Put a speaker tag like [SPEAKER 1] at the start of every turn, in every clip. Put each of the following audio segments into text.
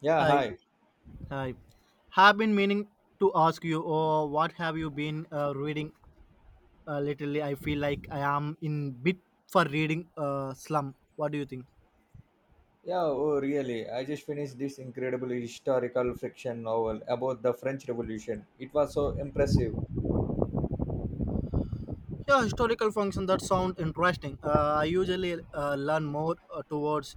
[SPEAKER 1] Yeah,
[SPEAKER 2] Hi,
[SPEAKER 1] hi.
[SPEAKER 2] hi. Have been meaning to ask you, oh, what have you been reading lately? I feel like I am in bit for reading slum. What do you think?
[SPEAKER 1] Yeah, oh, really. I just finished this incredible historical fiction novel about the French Revolution. It was so impressive.
[SPEAKER 2] Yeah, historical function that sound interesting. I usually learn more towards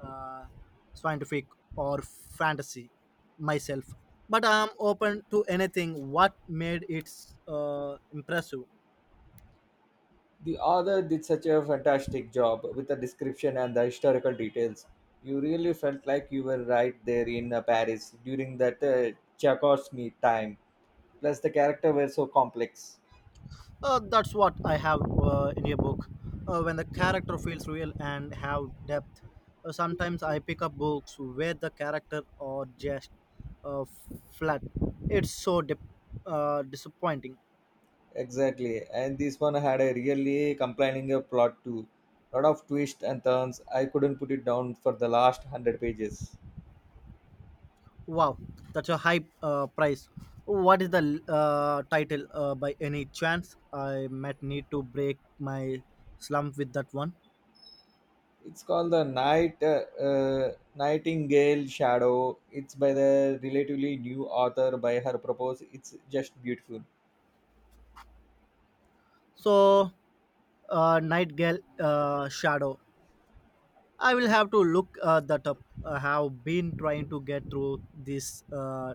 [SPEAKER 2] uh, scientific or fantasy myself, but I am open to anything. What made it impressive?
[SPEAKER 1] The author did such a fantastic job with the description and the historical details. You really felt like you were right there in Paris during that Tchaikovsky time. Plus, the characters were so complex.
[SPEAKER 2] That's what I have in a book. When the character feels real and have depth. Sometimes I pick up books where the character are just uh, flat. It's so disappointing.
[SPEAKER 1] Exactly. And this one had a really complaining plot too. Lot of twists and turns. I couldn't put it down for the last hundred pages.
[SPEAKER 2] Wow, that's a high price. What is the title by any chance? I might need to break my slump with that one.
[SPEAKER 1] It's called the Night Nightingale Shadow. It's by the relatively new author by her propose. It's just beautiful.
[SPEAKER 2] So, Nightingale Shadow, I will have to look that up. I have been trying to get through this uh,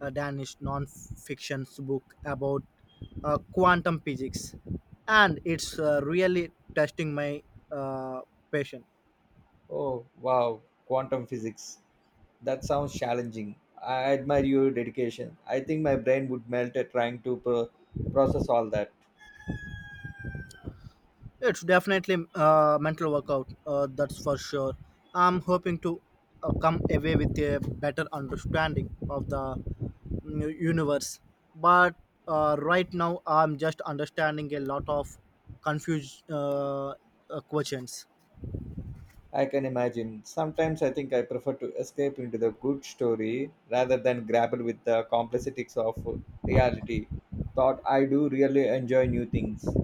[SPEAKER 2] uh, Danish non-fiction book about quantum physics, and it's really testing my uh, patience.
[SPEAKER 1] Oh wow, quantum physics. That sounds challenging. I admire your dedication. I think my brain would melt at trying to process all that.
[SPEAKER 2] It's definitely a mental workout, that's for sure. I'm hoping to come away with a better understanding of the universe. But right now, I'm just understanding a lot of confused questions.
[SPEAKER 1] I can imagine. Sometimes I think I prefer to escape into the good story rather than grapple with the complexities of reality. Thought I do really enjoy new things.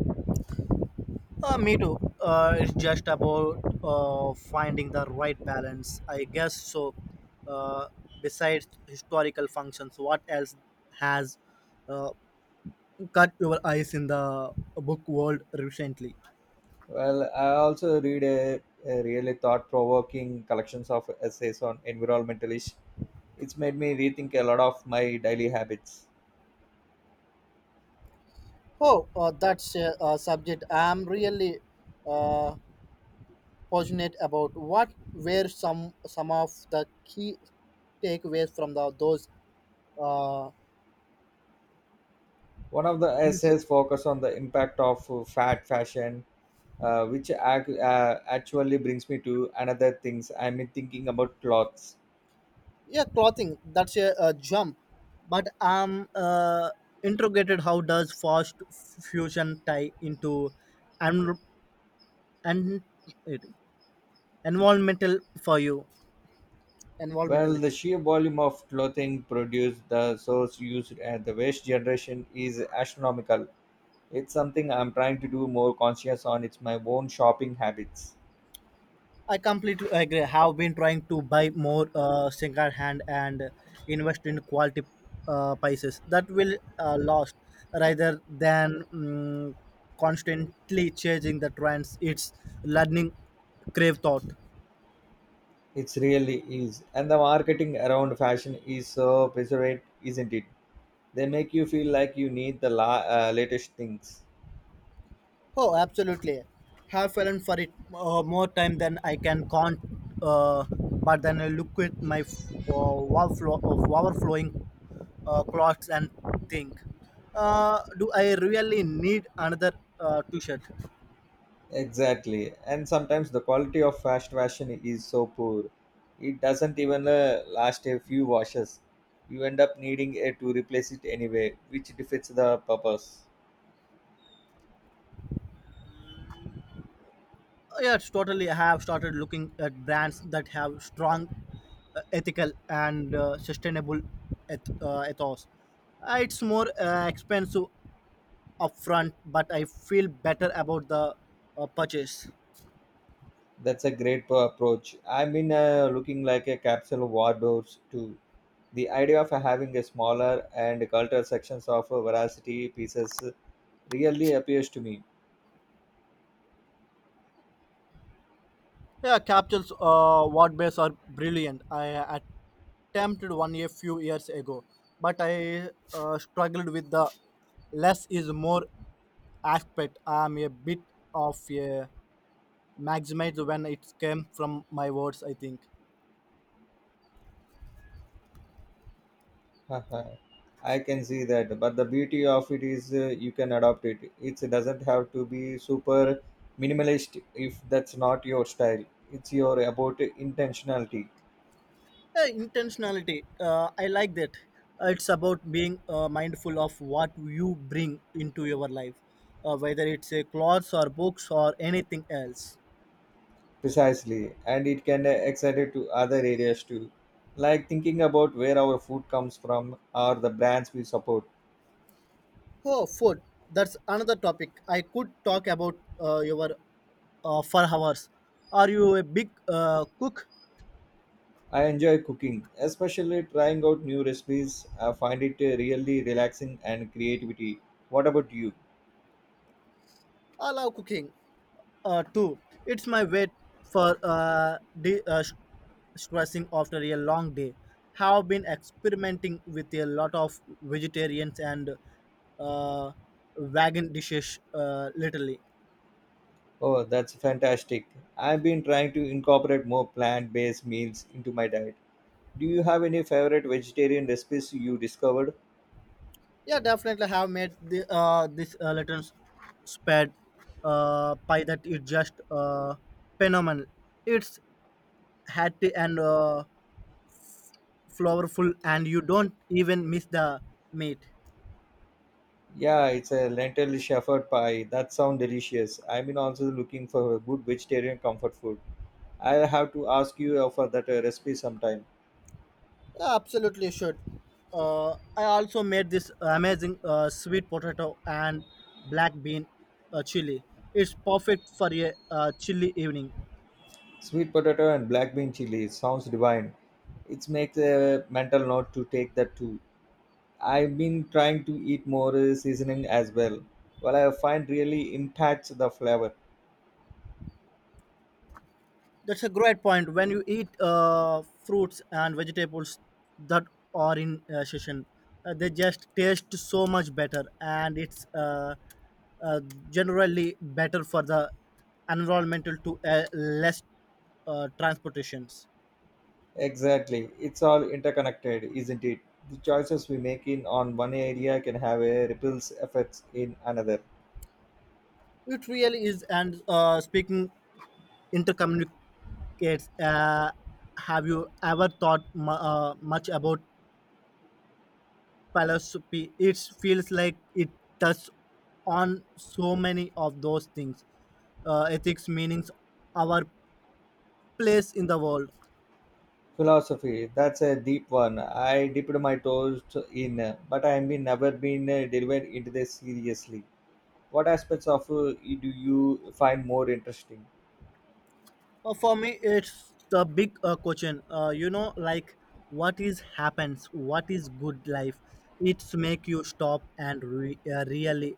[SPEAKER 2] Me too. It's just about finding the right balance, I guess. So, uh, besides historical functions, what else has uh, caught your eyes in the book world recently?
[SPEAKER 1] Well, I also read a really thought-provoking collections of essays on environmental issues. It's made me rethink a lot of my daily habits.
[SPEAKER 2] Oh, that's a, subject I'm really uh, passionate about. What were some of the key takeaways from the those uh,
[SPEAKER 1] One of the
[SPEAKER 2] easy?
[SPEAKER 1] essays focused on the impact of fat fashion, actually brings me to another things. I'm thinking about clothes.
[SPEAKER 2] Yeah, clothing. That's a jump, but I'm interrogated. How does fast fusion tie into and and environmental for you? Environmental.
[SPEAKER 1] Well, the sheer volume of clothing produced, the source used, and the waste generation is astronomical. It's something I'm trying to do more conscious on. It's my own shopping habits.
[SPEAKER 2] I completely agree. Have been trying to buy more second hand and invest in quality prices that will last rather than constantly changing the trends. It's learning crave thought.
[SPEAKER 1] It's really is. And the marketing around fashion is so preserved, isn't it? They make you feel like you need the latest things.
[SPEAKER 2] Oh, absolutely. Have fallen for it more time than I can count. Uh, but then I look at my overflow- of overflowing clothes and think, do I really need another t-shirt?
[SPEAKER 1] Exactly. And sometimes the quality of fast fashion is so poor. It doesn't even last a few washes. You end up needing it to replace it anyway, which defeats the purpose.
[SPEAKER 2] Yes, totally. I have started looking at brands that have strong ethical and sustainable ethos. It's more expensive upfront, but I feel better about the purchase.
[SPEAKER 1] That's a great approach. I've been looking like a capsule wardrobes too. The idea of having a smaller and cultural sections of veracity pieces really appears to me.
[SPEAKER 2] Yeah, Capsule's word base are brilliant. I attempted one a few years ago, but I struggled with the less is more aspect. I'm a bit of a maximizer when it came from my words, I think.
[SPEAKER 1] Haha. I can see that, but the beauty of it is you can adopt it. It doesn't have to be super minimalist if that's not your style. It's your about intentionality,
[SPEAKER 2] Yeah, intentionality. I like that. It's about being mindful of what you bring into your life, whether it's a clothes or books or anything else.
[SPEAKER 1] precisely, and it can extend it to other areas too, like thinking about where our food comes from or the brands we support.
[SPEAKER 2] Oh, food. That's another topic. I could talk about your for hours. Are you a big cook?
[SPEAKER 1] I enjoy cooking, especially trying out new recipes. I find it really relaxing and creativity. What about you?
[SPEAKER 2] I love cooking too. It's my way for stressing after a long day. Have been experimenting with a lot of vegetarians and uh, vegan dishes lately.
[SPEAKER 1] Oh, that's fantastic. I've been trying to incorporate more plant based meals into my diet. Do you have any favorite vegetarian recipes you discovered?
[SPEAKER 2] Yeah, definitely. Have made the this little spread pie that is just phenomenal. It's hearty and flavorful, and you don't even miss the meat.
[SPEAKER 1] Yeah, it's a lentil shepherd pie. That sounds delicious. I've been also looking for a good vegetarian comfort food. I'll have to ask you for that recipe sometime.
[SPEAKER 2] Yeah, absolutely should. I also made this amazing sweet potato and black bean chili. It's perfect for a chilly evening.
[SPEAKER 1] Sweet potato and black bean chili sounds divine. It makes a mental note to take that too. I've been trying to eat more seasoning as well. Well, I find really impacts the flavor.
[SPEAKER 2] That's a great point. When you eat fruits and vegetables that are in season, they just taste so much better, and it's uh, generally better for the environmental to less transportations.
[SPEAKER 1] Exactly. It's all interconnected, isn't it? The choices we make in on one area can have a ripples effects in another.
[SPEAKER 2] It really is. And speaking intercommunicates, have you ever thought much about philosophy? It feels like it touches on so many of those things: ethics, meanings, our place in the world.
[SPEAKER 1] Philosophy. That's a deep one. I dipped my toes in, but I've been never been delivered into this seriously. What aspects of do you find more interesting?
[SPEAKER 2] For me, it's the big question, you know, like what is happens, what is good life. It's make you stop and really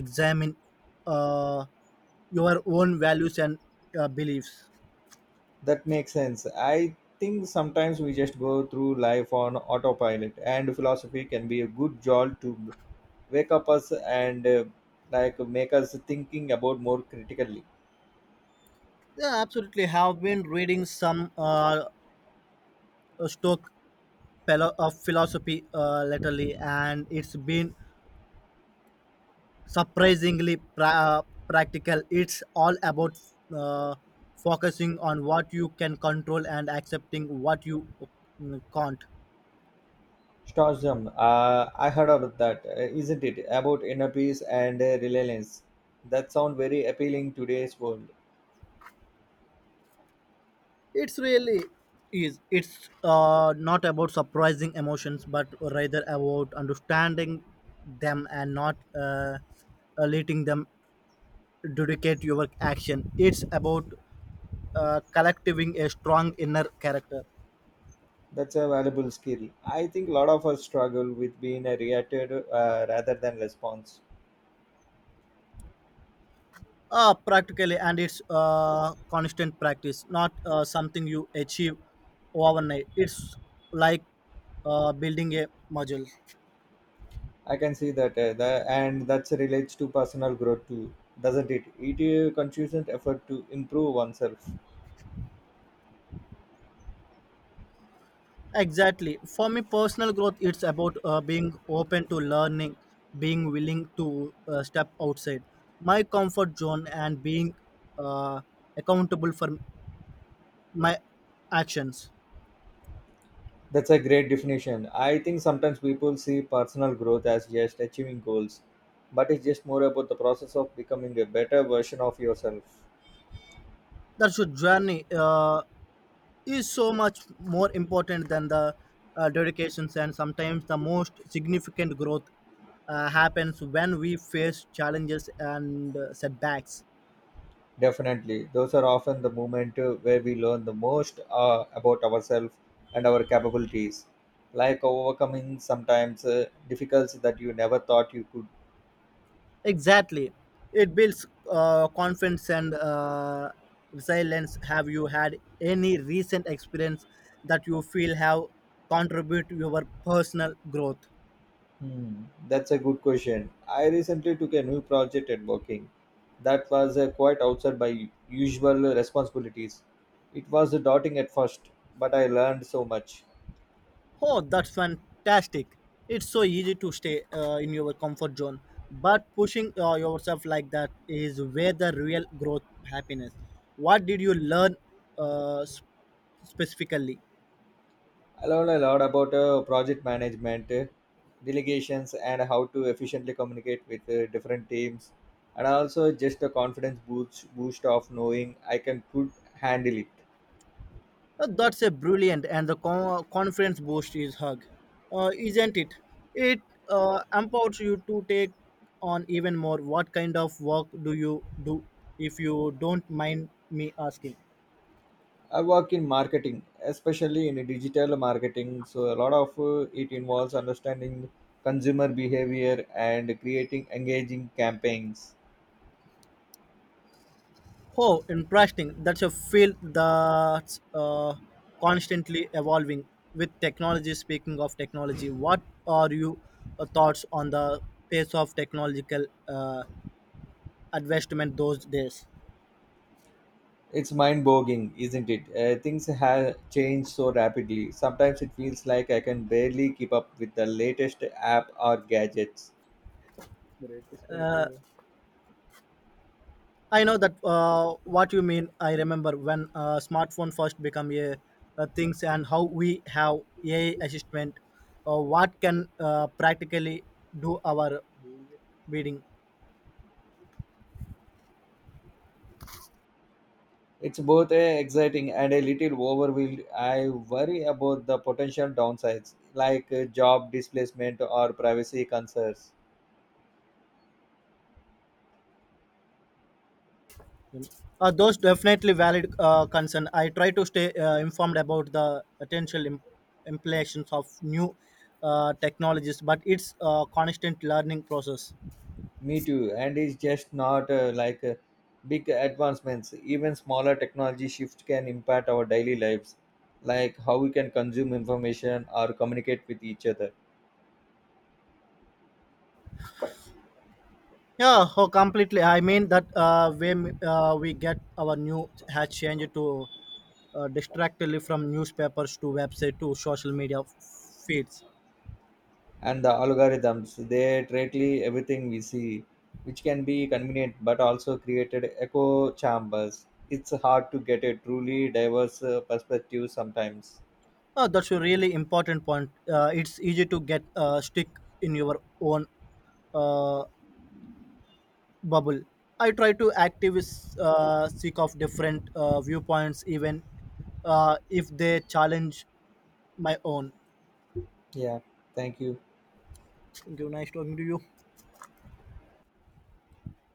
[SPEAKER 2] examine uh, your own values and beliefs.
[SPEAKER 1] That makes sense. I think sometimes we just go through life on autopilot, and philosophy can be a good jolt to wake up us and like make us thinking about more critically.
[SPEAKER 2] Yeah, absolutely. Have been reading some stock philo- of philosophy latterly, and it's been surprisingly practical. It's all about uh, focusing on what you can control and accepting what you can't.
[SPEAKER 1] Stoicism, I heard about that, isn't it? About inner peace and reliance. That sound very appealing today's world.
[SPEAKER 2] It's really is. It's not about surprising emotions, but rather about understanding them and not letting them dictate your action. It's about collecting a strong inner character.
[SPEAKER 1] That's a valuable skill. I think a lot of us struggle with being a reacted rather than response.
[SPEAKER 2] Practically, and it's constant practice, not something you achieve overnight. It's like building a muscle.
[SPEAKER 1] I can see that, and that relates to personal growth too, doesn't it? It is a consistent effort to improve oneself.
[SPEAKER 2] Exactly. For me, personal growth, it's about being open to learning, being willing to step outside my comfort zone, and being uh, accountable for my actions.
[SPEAKER 1] That's a great definition. I think sometimes people see personal growth as just achieving goals, but it's just more about the process of becoming a better version of yourself.
[SPEAKER 2] That's your journey is so much more important than the dedications, and sometimes the most significant growth happens when we face challenges and setbacks.
[SPEAKER 1] Definitely, those are often the moment where we learn the most about ourselves and our capabilities, like overcoming sometimes difficulties that you never thought you could.
[SPEAKER 2] Exactly. It builds confidence and resilience. Have you had any recent experience that you feel have contributed to your personal growth?
[SPEAKER 1] Hmm, that's a good question. I recently took a new project at working that was quite outside my usual responsibilities. It was daunting at first, but I learned so much.
[SPEAKER 2] Oh, that's fantastic. It's so easy to stay in your comfort zone, but pushing yourself like that is where the real growth happiness. What did you learn uh, sp- specifically?
[SPEAKER 1] I learned a lot about project management, delegations, and how to efficiently communicate with different teams, and also just a confidence boost of knowing I can could handle it.
[SPEAKER 2] That's a brilliant, and the confidence boost is hug, isn't it? It empowers you to take on even more. What kind of work do you do, if you don't mind me asking?
[SPEAKER 1] I work in marketing, especially in digital marketing. So a lot of it involves understanding consumer behavior and creating engaging campaigns.
[SPEAKER 2] Oh, interesting. That's a field that's constantly evolving with technology. Speaking of technology, what are your thoughts on the pace of technological advancement those days?
[SPEAKER 1] It's mind-boggling, isn't it? Things have changed so rapidly. Sometimes it feels like I can barely keep up with the latest app or gadgets.
[SPEAKER 2] Uh, I know that what you mean. I remember when smartphone first became a things, and how we have AI assistant. What can practically do our reading?
[SPEAKER 1] It's both exciting and a little overwhelmed. I worry about the potential downsides, like job displacement or privacy concerns.
[SPEAKER 2] Those definitely valid concern. I try to stay informed about the potential implications of new technologies, but it's a constant learning process.
[SPEAKER 1] Me too. And it's just not big advancements. Even smaller technology shifts can impact our daily lives, like how we can consume information or communicate with each other.
[SPEAKER 2] Yeah, oh, completely. I mean that when we get our new has changed to distractedly from newspapers to website to social media feeds.
[SPEAKER 1] And the algorithms, they directly everything we see, which can be convenient but also created echo chambers. It's hard to get a truly diverse perspective sometimes.
[SPEAKER 2] Oh, that's a really important point. It's easy to get stick in your own uh, bubble. I try to activist seek of different viewpoints, even if they challenge my own.
[SPEAKER 1] Yeah. Thank you.
[SPEAKER 2] Thank you. Nice talking to you.